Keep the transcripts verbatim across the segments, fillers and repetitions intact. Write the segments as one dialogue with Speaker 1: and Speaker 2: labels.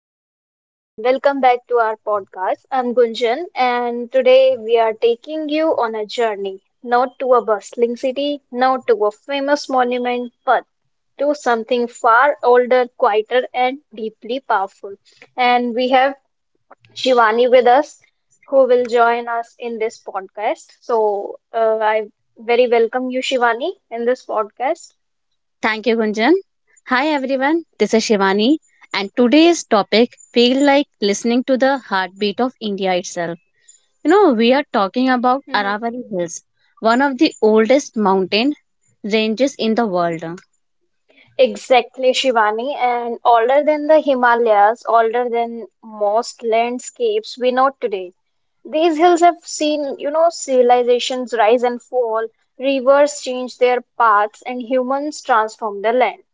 Speaker 1: hello everyone, and welcome back to our podcast. I'm Gunjan, and today we are taking you on a journey not to a bustling city, not to a famous monument, but to something far older, quieter, and deeply powerful. And we have Shivani with us who will join us in this podcast. So, uh, I very welcome you, Shivani, in this podcast.
Speaker 2: Thank you, Gunjan. Hi, everyone. This is Shivani, and today's topic feel like listening to the heartbeat of India itself. You know, we are talking about Aravalli Hills, one of the oldest mountain ranges in the world,
Speaker 1: Exactly, Shivani. And older than the Himalayas, older than most landscapes we know today. These hills have seen, you know, civilizations rise and fall, rivers change their paths, and humans transform the land,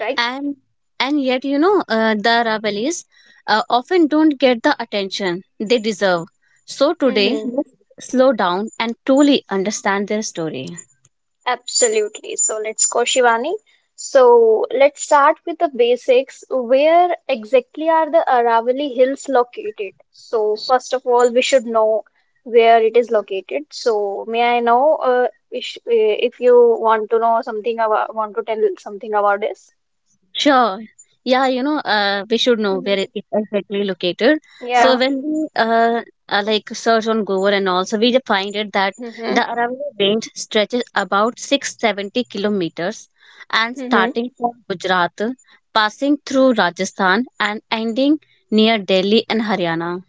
Speaker 1: right?
Speaker 2: and and yet you know uh, the Aravallis uh, often don't get the attention they deserve. So today, let's slow down and truly understand their story.
Speaker 1: Absolutely. So let's go, Shivani. So let's start with the basics. Where exactly are the Aravalli Hills located? So first of all, we should know where it is located. So may I know uh, if, uh, if you want to know something about, want to tell something about this?
Speaker 2: Sure. Yeah, you know, uh, we should know where
Speaker 1: Hmm.
Speaker 2: it is exactly located.
Speaker 1: Yeah.
Speaker 2: So when we uh, uh, like search on Google and also we just find it that
Speaker 1: Hmm.
Speaker 2: the Aravalli range stretches about six hundred seventy kilometers and
Speaker 1: Hmm.
Speaker 2: starting from Gujarat, passing through Rajasthan and ending near Delhi and Haryana.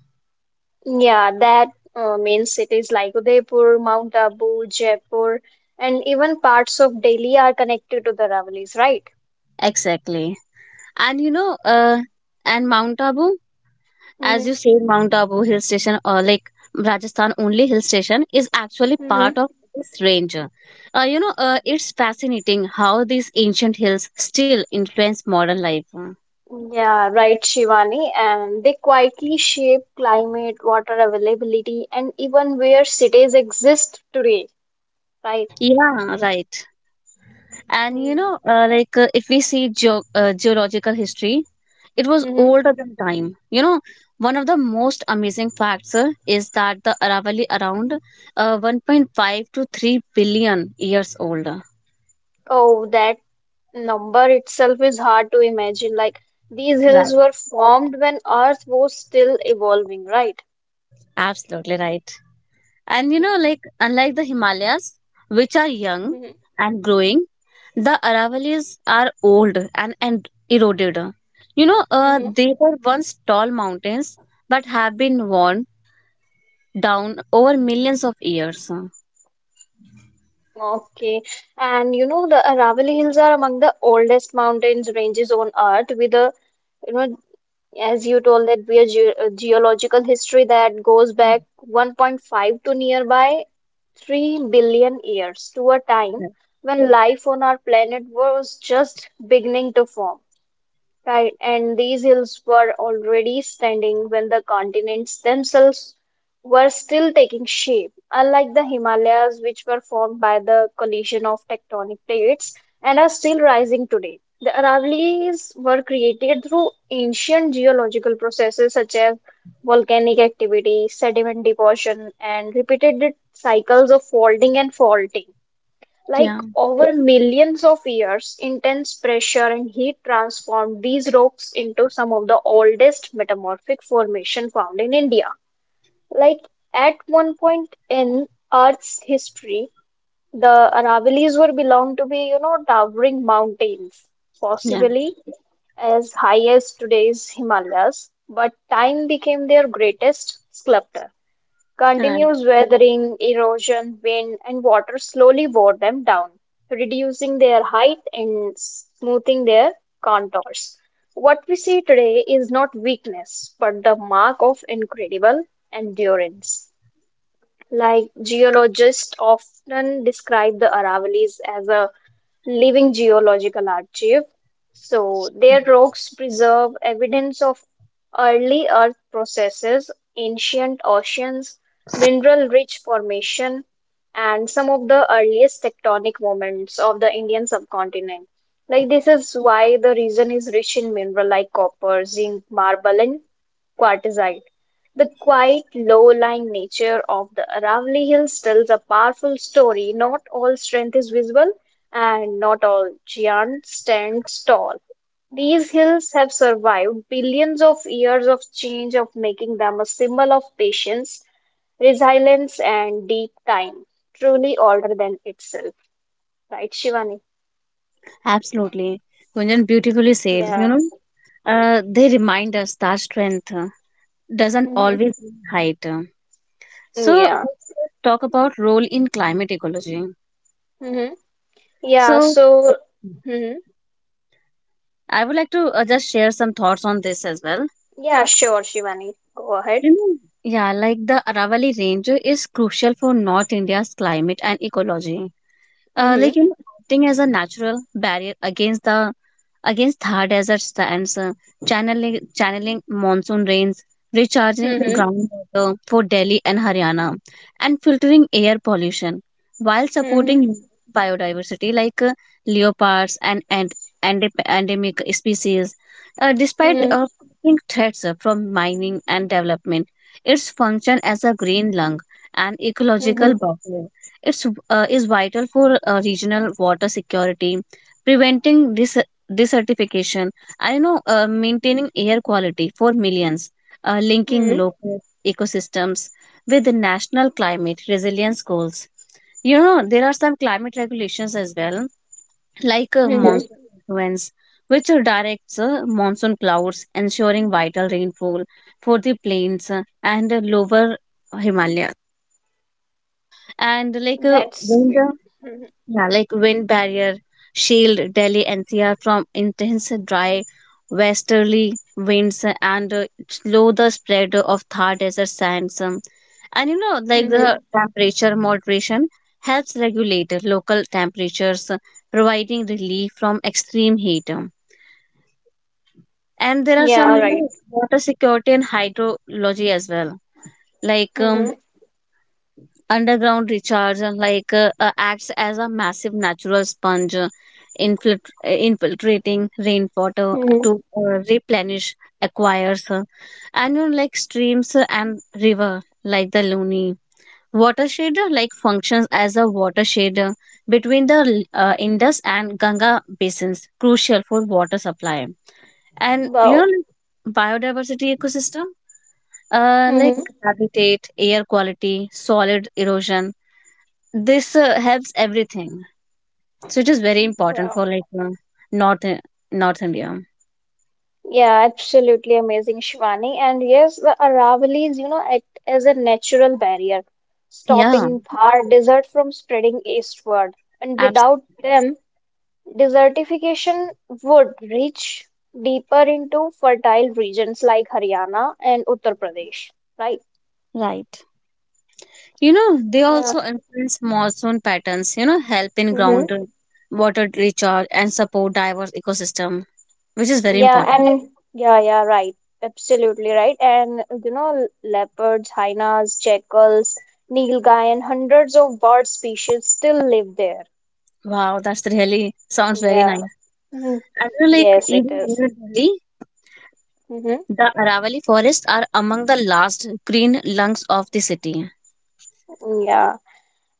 Speaker 1: Yeah, that uh, means cities like Udaipur, Mount Abu, Jaipur, and even parts of Delhi are connected to the Aravallis, right?
Speaker 2: Exactly. And you know, uh, and Mount Abu, as
Speaker 1: Hmm.
Speaker 2: you say, Mount Abu hill station, or like Rajasthan only hill station, is actually
Speaker 1: Hmm.
Speaker 2: part of this range. Uh, you know, uh, it's fascinating how these ancient hills still influence modern life.
Speaker 1: Yeah, right, Shivani. And they quietly shape climate, water availability, and even where cities exist today, right?
Speaker 2: Yeah, right. And you
Speaker 1: Mm-hmm.
Speaker 2: know, uh, like uh, if we see geo uh, geological history, it was older than time. You know, one of the most amazing facts uh, is that the Aravalli around uh, one point five to three billion years old.
Speaker 1: Oh, that number itself is hard to imagine. Like these
Speaker 2: Right.
Speaker 1: hills were formed when Earth was still evolving, right?
Speaker 2: Absolutely right. And you know, like unlike the Himalayas, which are young
Speaker 1: Hmm.
Speaker 2: and growing, the Aravalis are old and, and eroded. You know, uh,
Speaker 1: Hmm.
Speaker 2: they were once tall mountains but have been worn down over millions of years.
Speaker 1: Okay. And you know, the Aravalli Hills are among the oldest mountains ranges on Earth with a you know As you told that we are ge- uh, geological history that goes back one point five to nearby three billion years to a time when life on our planet was just beginning to form. Right, and these hills were already standing when the continents themselves were still taking shape. Unlike the Himalayas, which were formed by the collision of tectonic plates and are still rising today, the Aravallis were created through ancient geological processes such as volcanic activity, sediment deposition, and repeated cycles of folding and faulting. Like
Speaker 2: Yeah,
Speaker 1: over millions of years, intense pressure and heat transformed these rocks into some of the oldest metamorphic formation found in India. Like at one point in Earth's history, the Aravallis were belonged to be, you know, towering mountains,
Speaker 2: yeah,
Speaker 1: possibly as high as today's Himalayas, but time became their greatest sculptor.
Speaker 2: right.
Speaker 1: Continuous weathering, erosion, wind, and water slowly wore them down, reducing their height and smoothing their contours. What we see today is not weakness, but the mark of incredible endurance. Like geologists often describe the Aravallis as a Living Geological Archive. So, their rocks preserve evidence of early earth processes, ancient oceans, mineral rich formation, and some of the earliest tectonic moments of the Indian subcontinent. Like, this is why the region is rich in mineral like copper, zinc, marble, and quartzite. The quiet, low-lying nature of the Aravalli Hills tells a powerful story. Not all strength is visible, and not all giants stand tall. These hills have survived billions of years of change of making them a symbol of patience, resilience and deep time, truly older than itself. Right, Shivani?
Speaker 2: Absolutely. Gunjan beautifully said, you
Speaker 1: Yeah.
Speaker 2: know, uh, they remind us that strength uh, doesn't
Speaker 1: Mhm.
Speaker 2: always mean height. So,
Speaker 1: Yeah.
Speaker 2: talk about role in climate ecology.
Speaker 1: Hmm. Yeah,
Speaker 2: So,
Speaker 1: so. Hmm.
Speaker 2: I would like to uh, just share some thoughts on this as well.
Speaker 1: Yeah, sure, Shivani. Go ahead.
Speaker 2: You know, yeah, like the Aravali Range is crucial for North India's climate and ecology. Uh, like
Speaker 1: Hmm.
Speaker 2: you know, acting as a natural barrier against the against thar desert sands, uh, channeling, channeling monsoon rains, recharging
Speaker 1: Hmm.
Speaker 2: groundwater for Delhi and Haryana, and filtering air pollution while
Speaker 1: Hmm.
Speaker 2: supporting biodiversity like uh, leopards and, and and endemic species. Uh, despite
Speaker 1: Hmm.
Speaker 2: uh, facing threats uh, from mining and development, its function as a green lung and
Speaker 1: Hmm.
Speaker 2: ecological buffer. It's uh, is vital for uh, regional water security, preventing dis- desertification, I know uh, maintaining air quality for millions, uh, linking
Speaker 1: Hmm.
Speaker 2: local ecosystems with the national climate resilience goals. You know, there are some climate regulations as well, like uh,
Speaker 1: Hmm.
Speaker 2: monsoon influence, which uh, directs uh, monsoon clouds, ensuring vital rainfall for the plains uh, and uh, lower Himalaya. And like uh,
Speaker 1: That's
Speaker 2: wind
Speaker 1: great. Hmm.
Speaker 2: yeah, like wind barrier shield Delhi N C R from intense dry westerly winds and uh, slow the spread of Thar desert sands. um, And you know, like
Speaker 1: Hmm.
Speaker 2: the temperature moderation helps regulate local temperatures, uh, providing relief from extreme heat. um. And there are some,
Speaker 1: Yeah,
Speaker 2: you know, water security and hydrology as well. Like um,
Speaker 1: right.
Speaker 2: underground recharge and like uh, uh, acts as a massive natural sponge, uh, infiltr- uh, infiltrating rainwater
Speaker 1: Hmm.
Speaker 2: to uh, replenish aquifers uh, and uh, like streams uh, and river like the Luni. Watershed uh, like functions as a watershed uh, between the uh, Indus and Ganga basins, crucial for water supply. And you know,
Speaker 1: Wow.
Speaker 2: like, biodiversity ecosystem, uh, like
Speaker 1: Hmm.
Speaker 2: habitat, air quality, solid erosion, this uh, helps everything, so it is very important
Speaker 1: Wow.
Speaker 2: for like uh, north north india.
Speaker 1: Yeah, absolutely amazing, Shivani. And yes, the Aravallis, you know, act as a natural barrier,
Speaker 2: Yeah,
Speaker 1: stopping Thar desert from spreading eastward. And without
Speaker 2: absolutely
Speaker 1: them, desertification would reach deeper into fertile regions like Haryana and Uttar Pradesh, right?
Speaker 2: right. You know, they
Speaker 1: Yeah.
Speaker 2: also influence monsoon patterns. You know, help in ground uh, water recharge and support diverse ecosystem, which is very
Speaker 1: Yeah,
Speaker 2: important.
Speaker 1: and yeah, yeah, right. Absolutely right. And you know, leopards, hyenas, jackals, nilgai, and hundreds of bird species still live there.
Speaker 2: Wow, that's really sounds very
Speaker 1: Yeah.
Speaker 2: nice.
Speaker 1: Mhm.
Speaker 2: I feel like
Speaker 1: Yes, it
Speaker 2: even
Speaker 1: is.
Speaker 2: here in delhi
Speaker 1: Mm-hmm.
Speaker 2: the aravali forests are among the last green lungs of the city.
Speaker 1: Yeah.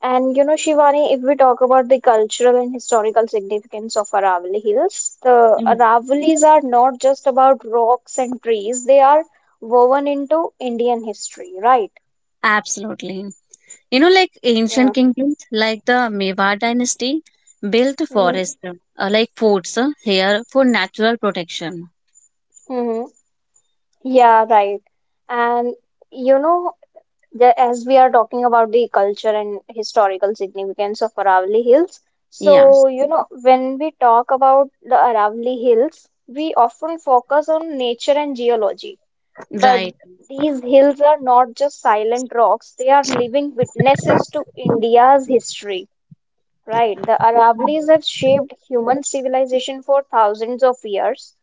Speaker 1: And you know, Shivani, if we talk about the cultural and historical significance of Aravalli Hills, the
Speaker 2: Mhm.
Speaker 1: Aravalis are not just about rocks and trees, they are woven into Indian history, right?
Speaker 2: Absolutely. You know, like ancient
Speaker 1: Yeah.
Speaker 2: kingdoms like the Mewar dynasty built
Speaker 1: Mm-hmm.
Speaker 2: forests, uh, like forts uh, here for natural protection.
Speaker 1: Yeah, right. And you know, the, as we are talking about the culture and historical significance of Aravalli Hills,
Speaker 2: Yeah,
Speaker 1: so you know, when we talk about the Aravalli Hills, we often focus on nature and geology. But
Speaker 2: right.
Speaker 1: these hills are not just silent rocks, they are living witnesses to India's history. Right, the Aravallis have shaped human civilization for thousands of years.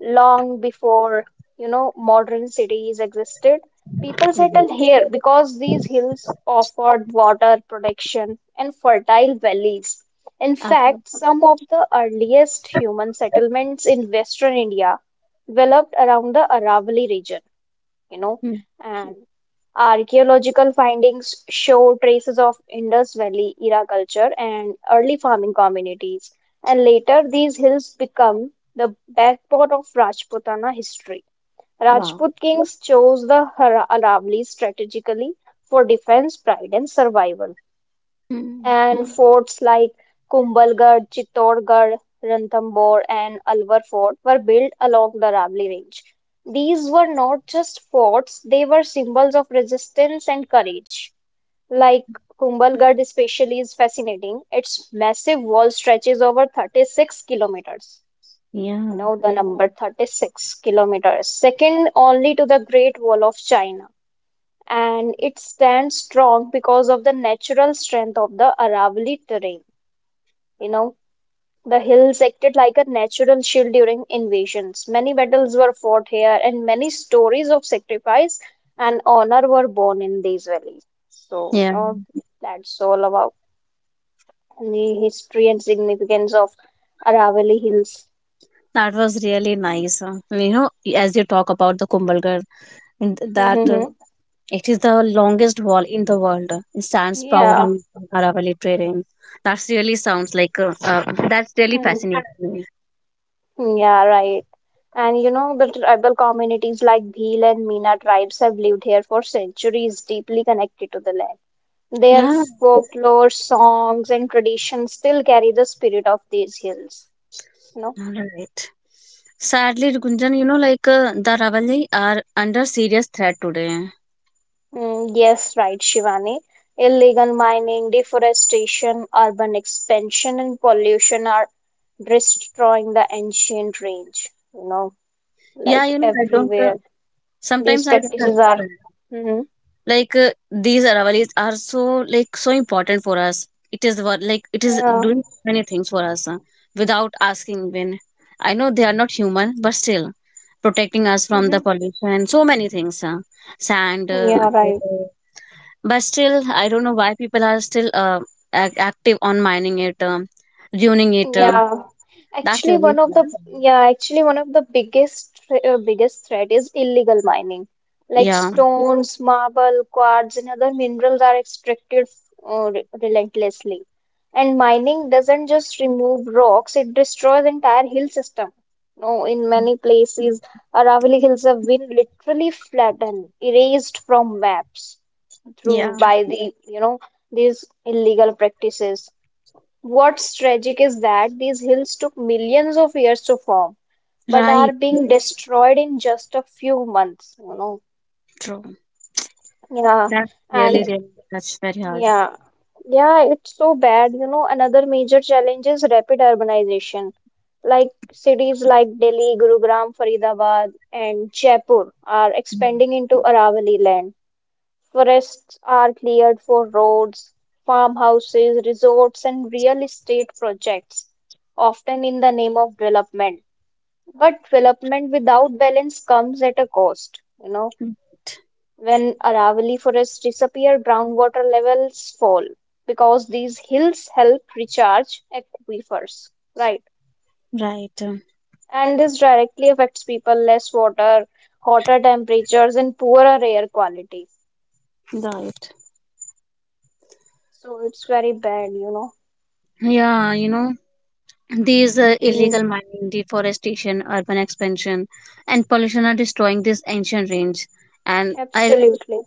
Speaker 1: Long before, you know, modern cities existed, people
Speaker 2: Right.
Speaker 1: settled here because these hills offered water, protection, and fertile valleys. In
Speaker 2: Absolutely.
Speaker 1: fact, some of the earliest human settlements in western India developed around the Aravalli region, you know,
Speaker 2: Hmm.
Speaker 1: and archaeological findings show traces of Indus Valley era culture and early farming communities. And later, these hills become the backbone of Rajputana history.
Speaker 2: Wow.
Speaker 1: Rajput kings chose the Ara- Aravallis strategically for defense, pride, and survival
Speaker 2: Hmm.
Speaker 1: and forts like Kumbhalgarh, Chittorgarh, Ranthambore, and Alwar Fort were built along the Rabli Range. These were not just forts, they were symbols of resistance and courage. Like Kumbhalgarh, especially, is fascinating. Its massive wall stretches over thirty-six kilometers. You
Speaker 2: Yeah.
Speaker 1: know the number thirty-six kilometers, second only to the Great Wall of China and it stands strong because of the natural strength of the Aravalli terrain. You know, the hills acted like a natural shield during invasions. Many battles were fought here, and many stories of sacrifice and honor were born in these valleys. So, you
Speaker 2: Yeah.
Speaker 1: know, that's all about the history and significance of Aravalli Hills.
Speaker 2: That was really nice. uh, You know, as you talk about the Kumbhalgarh, and th- that uh,
Speaker 1: Mm-hmm.
Speaker 2: it is the longest wall in the world. uh, It stands
Speaker 1: Yeah.
Speaker 2: proudly in Aravalli terrain. That really sounds like uh, uh, that's really
Speaker 1: Hmm.
Speaker 2: fascinating.
Speaker 1: Yeah, right. And you know, the tribal communities like Bhil and Meena tribes have lived here for centuries, deeply connected to the land. Their
Speaker 2: Yeah,
Speaker 1: folklore, songs, and traditions still carry the spirit of these hills. You know?
Speaker 2: all right. Sadly, Gunjan, you know, like uh, the Ravali are under serious threat today.
Speaker 1: Mm, yes, right, Shivani. Illegal mining, deforestation, urban expansion, and pollution are destroying the ancient range. You know,
Speaker 2: Yeah,
Speaker 1: like
Speaker 2: you know, I don't. Uh,
Speaker 1: everywhere, these
Speaker 2: sometimes I don't
Speaker 1: practices are.
Speaker 2: understand.
Speaker 1: Mm-hmm.
Speaker 2: Like uh, these Ravalis are so like so important for us. It is what, like it is
Speaker 1: Yeah.
Speaker 2: doing many things for us, uh, without asking. When I know they are not human, but still protecting us from
Speaker 1: Mm-hmm.
Speaker 2: the pollution, so many things. Uh, sand, uh,
Speaker 1: Yeah, right.
Speaker 2: water, but still, I don't know why people are still uh, ac- active on mining it, um, ruining it. Uh,
Speaker 1: Yeah,
Speaker 2: that's
Speaker 1: actually
Speaker 2: really
Speaker 1: one of the
Speaker 2: hard.
Speaker 1: yeah actually one of the biggest thre- uh, biggest threat is illegal mining. Like
Speaker 2: Yeah,
Speaker 1: stones, marble, quartz, and other minerals are extracted uh, re- relentlessly. And mining doesn't just remove rocks; it destroys entire hill system. No, in many places, Aravalli Hills have been literally flattened, erased from maps
Speaker 2: yeah,
Speaker 1: through by the you know these illegal practices. What's tragic is that these hills took millions of years to form, but are
Speaker 2: right,
Speaker 1: being destroyed in just a few months, you know.
Speaker 2: true.
Speaker 1: Yeah,
Speaker 2: That's really,
Speaker 1: and
Speaker 2: really, that's very hard.
Speaker 1: yeah, yeah, it's so bad. You know, another major challenge is rapid urbanization. Like cities like Delhi, Gurugram, Faridabad, and Jaipur are
Speaker 2: Mm.
Speaker 1: expanding into Aravali land. Forests are cleared for roads, farmhouses, resorts, and real estate projects, often in the name of development. But development without balance comes at a cost. You know, when Aravalli forests disappear, groundwater levels fall because these hills help recharge aquifers, right?
Speaker 2: Right. Um,
Speaker 1: And this directly affects people, less water, hotter temperatures, and poorer air quality.
Speaker 2: right.
Speaker 1: So it's very bad, you know.
Speaker 2: Yeah, you know, these uh,
Speaker 1: Mm.
Speaker 2: illegal mining, deforestation, urban expansion, and pollution are destroying this ancient range. And I,
Speaker 1: Absolutely.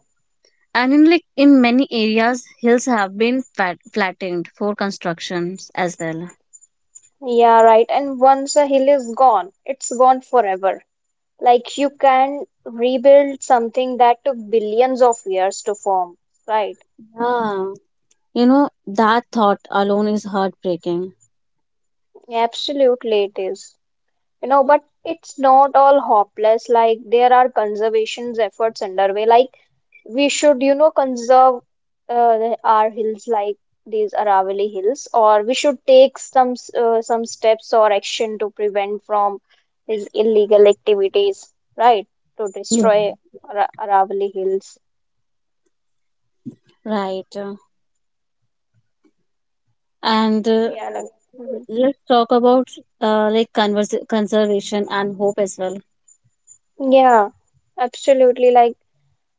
Speaker 2: and in like in many areas, hills have been flat, flattened for constructions as well.
Speaker 1: Yeah, right. And once a hill is gone, it's gone forever. Like you can rebuild something that took billions of years to form, right?
Speaker 2: Yeah. You know, that thought alone is heartbreaking,
Speaker 1: Absolutely, it is. You know, but it's not all hopeless, like there are conservation efforts underway. Like we should, you know, conserve uh, the- our hills, like these Aravalli hills, or we should take some s- uh, some steps or action to prevent from these illegal activities, right, to
Speaker 2: yeah,
Speaker 1: destroy Ara- Aravalli hills.
Speaker 2: right? And uh,
Speaker 1: Mhm.
Speaker 2: let's talk about uh, like convers- conservation and hope as well.
Speaker 1: Yeah, absolutely, like,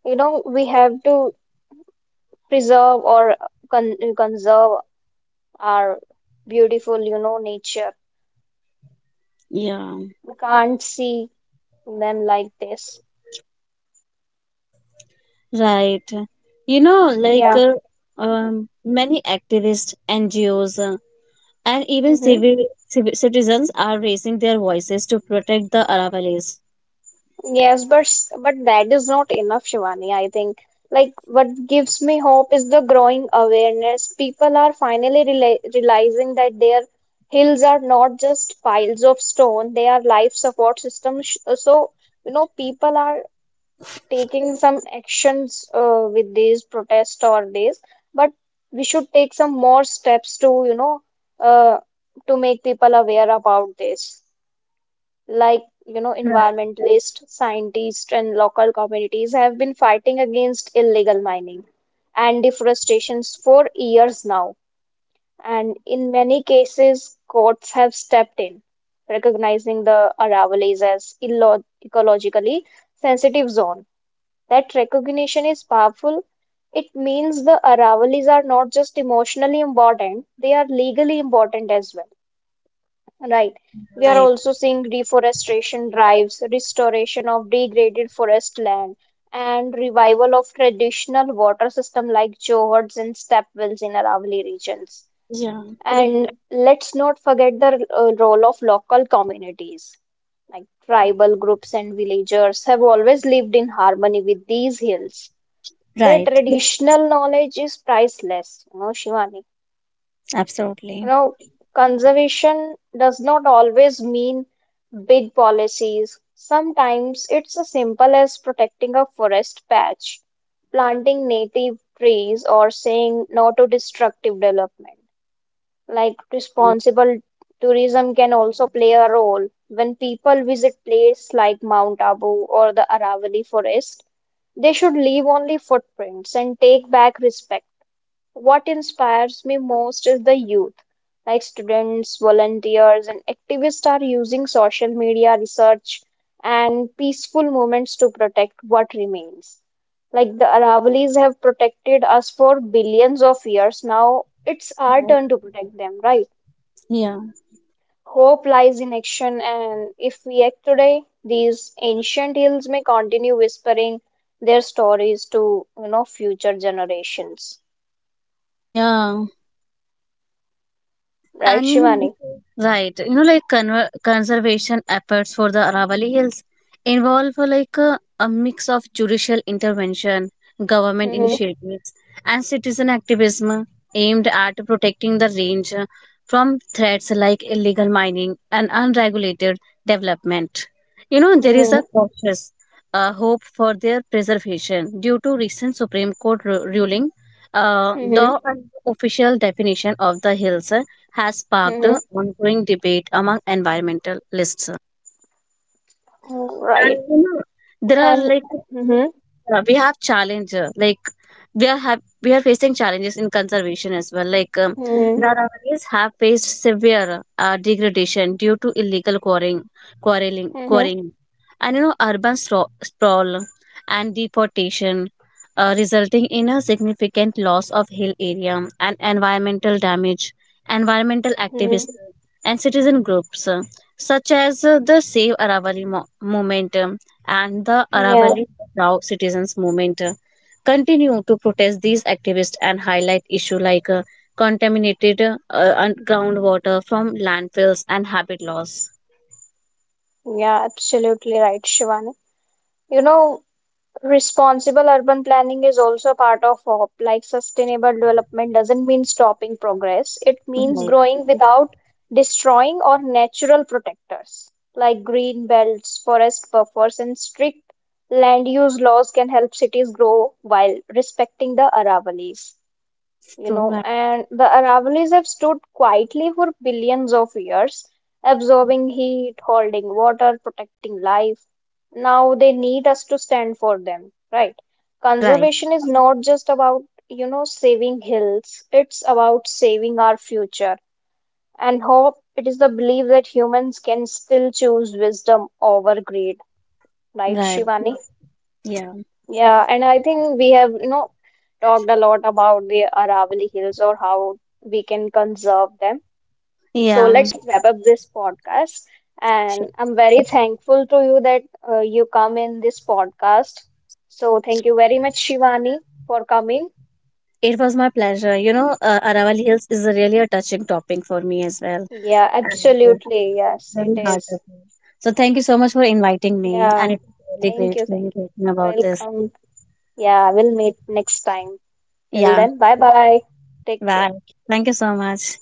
Speaker 1: you know, we have to preserve or con- conserve our beautiful, you know, nature.
Speaker 2: Yeah,
Speaker 1: We can't see them like this.
Speaker 2: right. You know, like
Speaker 1: Yeah.
Speaker 2: uh, um, many activists, N G Os, uh, and even civil,
Speaker 1: Mm-hmm.
Speaker 2: civil citizens are raising their voices to protect the Aravallis.
Speaker 1: Yes, but s- but that is not enough, Shivani. I think like what gives me hope is the growing awareness. People are finally rela realizing that their hills are not just piles of stone; they are life support systems. Sh- So, you know, people are taking some actions uh, with these protests or this, but we should take some more steps to, you know, uh, to make people aware about this. Like, you know, environmentalists, scientists, and local communities have been fighting against illegal mining and deforestations for years now. And in many cases, courts have stepped in, recognizing the Aravallis as illo- ecologically sensitive zone. That recognition is powerful. It means the arrivals are not just emotionally important, they are legally important as well, right? We are
Speaker 2: Right.
Speaker 1: also seeing deforestation drives, restoration of degraded forest land, and revival of traditional water system like Johors and stepwells in Aravalli regions.
Speaker 2: Yeah.
Speaker 1: And let's not forget the uh, role of local communities. Like tribal groups and villagers have always lived in harmony with these hills, their
Speaker 2: Right.
Speaker 1: traditional knowledge is priceless, you know, Shivani. You
Speaker 2: Absolutely.
Speaker 1: know, conservation does not always mean big policies. Sometimes it's as simple as protecting a forest patch, planting native trees, or saying no to destructive development. Like responsible tourism can also play a role. When people visit places like Mount Abu or the Aravalli Forest, they should leave only footprints and take back respect. What inspires me most is the youth. Like students, volunteers, and activists are using social media research and peaceful movements to protect what remains. Like the Aravali's have protected us for billions of years. Now it's our turn to protect them, right?
Speaker 2: Yeah.
Speaker 1: Hope lies in action, and if we act today, these ancient hills may continue whispering their stories to, you know, future generations.
Speaker 2: Yeah.
Speaker 1: Right,
Speaker 2: And you know, this
Speaker 1: Shivani?
Speaker 2: is- right, you know, like conver conservation efforts for the Aravalli Hills involve uh, like a, a mix of judicial intervention, government
Speaker 1: Hmm.
Speaker 2: initiatives, and citizen activism aimed at protecting the range uh, from threats like illegal mining and unregulated development. You know, there is
Speaker 1: Mm-hmm.
Speaker 2: a cautious uh, hope for their preservation due to recent Supreme Court ru- ruling. Uh,
Speaker 1: Mm-hmm.
Speaker 2: the official definition of the hills has sparked ongoing debate among environmentalists.
Speaker 1: Mm-hmm.
Speaker 2: And
Speaker 1: Right.
Speaker 2: you know, there are
Speaker 1: And
Speaker 2: like
Speaker 1: mm-hmm.
Speaker 2: yeah, we have challenge uh, like we are have we are facing challenges in conservation as well. Like um,
Speaker 1: Mm-hmm.
Speaker 2: the Rawanis have faced severe uh, degradation due to illegal quarrying, quarreling,
Speaker 1: Mm-hmm.
Speaker 2: quarrying, and you know urban stro- sprawl and deforestation, uh, resulting in a significant loss of hill area and environmental damage. Environmental
Speaker 1: Mm-hmm.
Speaker 2: activists and citizen groups uh, such as uh, the Save Aravali mo- movement and the
Speaker 1: Yeah.
Speaker 2: Aravali Rao citizens movement uh, continue to protest these activists and highlight issues like uh, contaminated uh, un- groundwater from landfills and habit loss.
Speaker 1: Yeah, absolutely right, Shivani. You know, responsible urban planning is also a part of hop. Like sustainable development doesn't mean stopping progress. It means
Speaker 2: Right,
Speaker 1: growing without destroying or natural protectors. Like green belts, forest buffers, and strict land use laws can help cities grow while respecting the Aravallis. You
Speaker 2: true,
Speaker 1: know,
Speaker 2: right,
Speaker 1: and the Aravallis have stood quietly for billions of years, absorbing heat, holding water, protecting life. Now they need us to stand for them, right?
Speaker 2: right,
Speaker 1: Conservation is not just about, you know, saving hills, it's about saving our future and hope. It is the belief that humans can still choose wisdom over greed, right,
Speaker 2: right.
Speaker 1: Shivani?
Speaker 2: Yeah,
Speaker 1: Yeah, and I think we have, you know, talked a lot about the Aravalli Hills or how we can conserve them. So
Speaker 2: yeah.
Speaker 1: let's wrap up this podcast.
Speaker 2: Sure.
Speaker 1: And I'm very thankful to you that uh, you come in this podcast. So thank you very much, Shivani, for coming.
Speaker 2: It was my pleasure. You know, uh, Aravalli Hills is really a touching topic for me as well,
Speaker 1: Yeah,
Speaker 2: and uh,
Speaker 1: absolutely. Yes,
Speaker 2: very
Speaker 1: it is.
Speaker 2: heartbreaking. So thank you so much for inviting me, and
Speaker 1: Yeah,
Speaker 2: it was really
Speaker 1: thank
Speaker 2: great
Speaker 1: you.
Speaker 2: for you
Speaker 1: Thank you.
Speaker 2: talking about this.
Speaker 1: Welcome. Yeah, we'll meet next time. Till
Speaker 2: Yeah,
Speaker 1: then, bye bye. Take care.
Speaker 2: bye. Thank you so much.